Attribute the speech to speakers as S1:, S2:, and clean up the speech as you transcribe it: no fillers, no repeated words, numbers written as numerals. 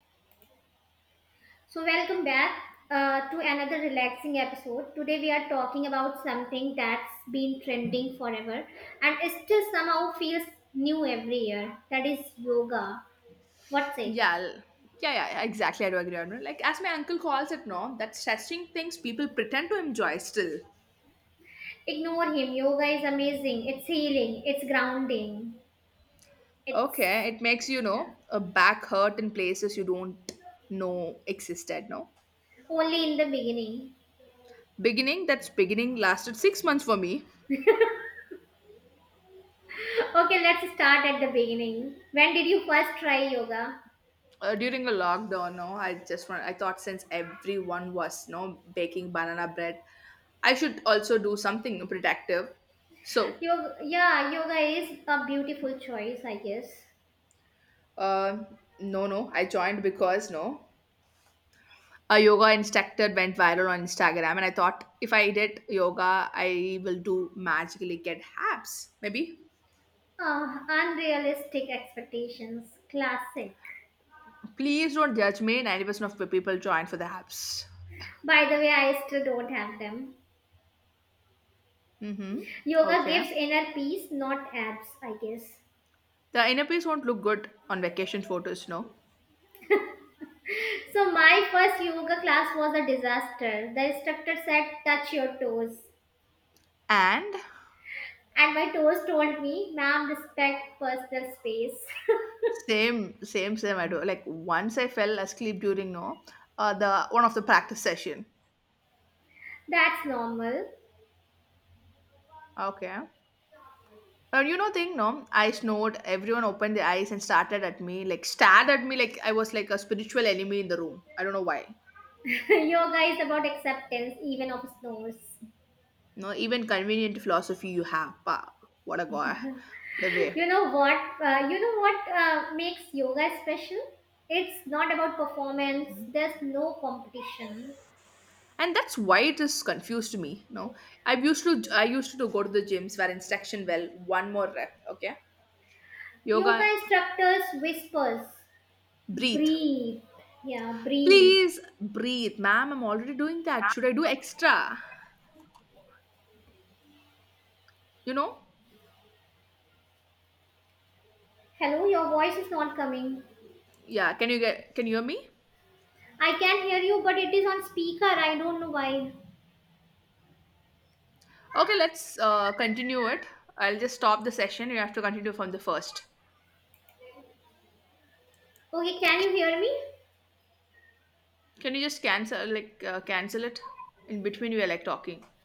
S1: So, welcome back to another relaxing episode. Today, we are talking about something that's been trending forever and it still somehow feels new every year. That is yoga. What say?
S2: Yeah, yeah, yeah, yeah, exactly. I do agree on it. Like, as my uncle calls it, no, that stretching things people pretend to enjoy still.
S1: Ignore him. Yoga is amazing. It's healing. It's grounding. It's
S2: Okay, it makes a back hurt in places you don't know existed. No,
S1: only in the beginning.
S2: beginning that's beginning lasted 6 months for me.
S1: Okay, let's start at the beginning. When did you first try yoga?
S2: During the lockdown, no, I just want. I thought since everyone was no baking banana bread, I should also do something protective. So,
S1: Yoga, yeah, yoga is a beautiful choice, I guess.
S2: uh, no, no, I joined because no. A yoga instructor went viral on Instagram, and I thought if I did yoga, I will do magically get abs. Maybe.
S1: Ah, unrealistic expectations. Classic.
S2: Please don't judge me. 90% of people join for the abs.
S1: By the way, I still don't have them.
S2: Mm-hmm.
S1: Yoga
S2: Okay.
S1: gives inner peace, not abs, I guess.
S2: The inner piece won't look good on vacation photos, no.
S1: So, my first yoga class was a disaster. The instructor said, touch your toes.
S2: And
S1: And my toes told me, ma'am, respect personal space.
S2: same, same, same. I do. Like once I fell asleep during no, the one of the practice session.
S1: That's normal.
S2: Okay. And you know thing, no? I snored. Everyone opened their eyes and started at me, like stared at me, like I was like a spiritual enemy in the room. I don't know why.
S1: Yoga is about acceptance, even of snores.
S2: No, even convenient philosophy you have. Pa, what a guy, what a way.
S1: You know what makes yoga special? It's not about performance. There's no competition.
S2: And that's why it is confused me. No, I used to go to the gyms where instruction well one more rep. Okay,
S1: Yoga
S2: yoga,
S1: instructors whispers
S2: breathe,
S1: breathe, yeah, breathe.
S2: please breathe, ma'am. I'm already doing that. Should I do extra? You know?
S1: Hello, your voice is not coming.
S2: Yeah. Can you get? Can you hear me?
S1: I can hear you, but it is on speaker. I don't know why.
S2: Okay, let's continue it. I'll just stop the session. You have to continue from the first.
S1: Okay, can you hear me?
S2: Can you just cancel like cancel it in between? We are like talking.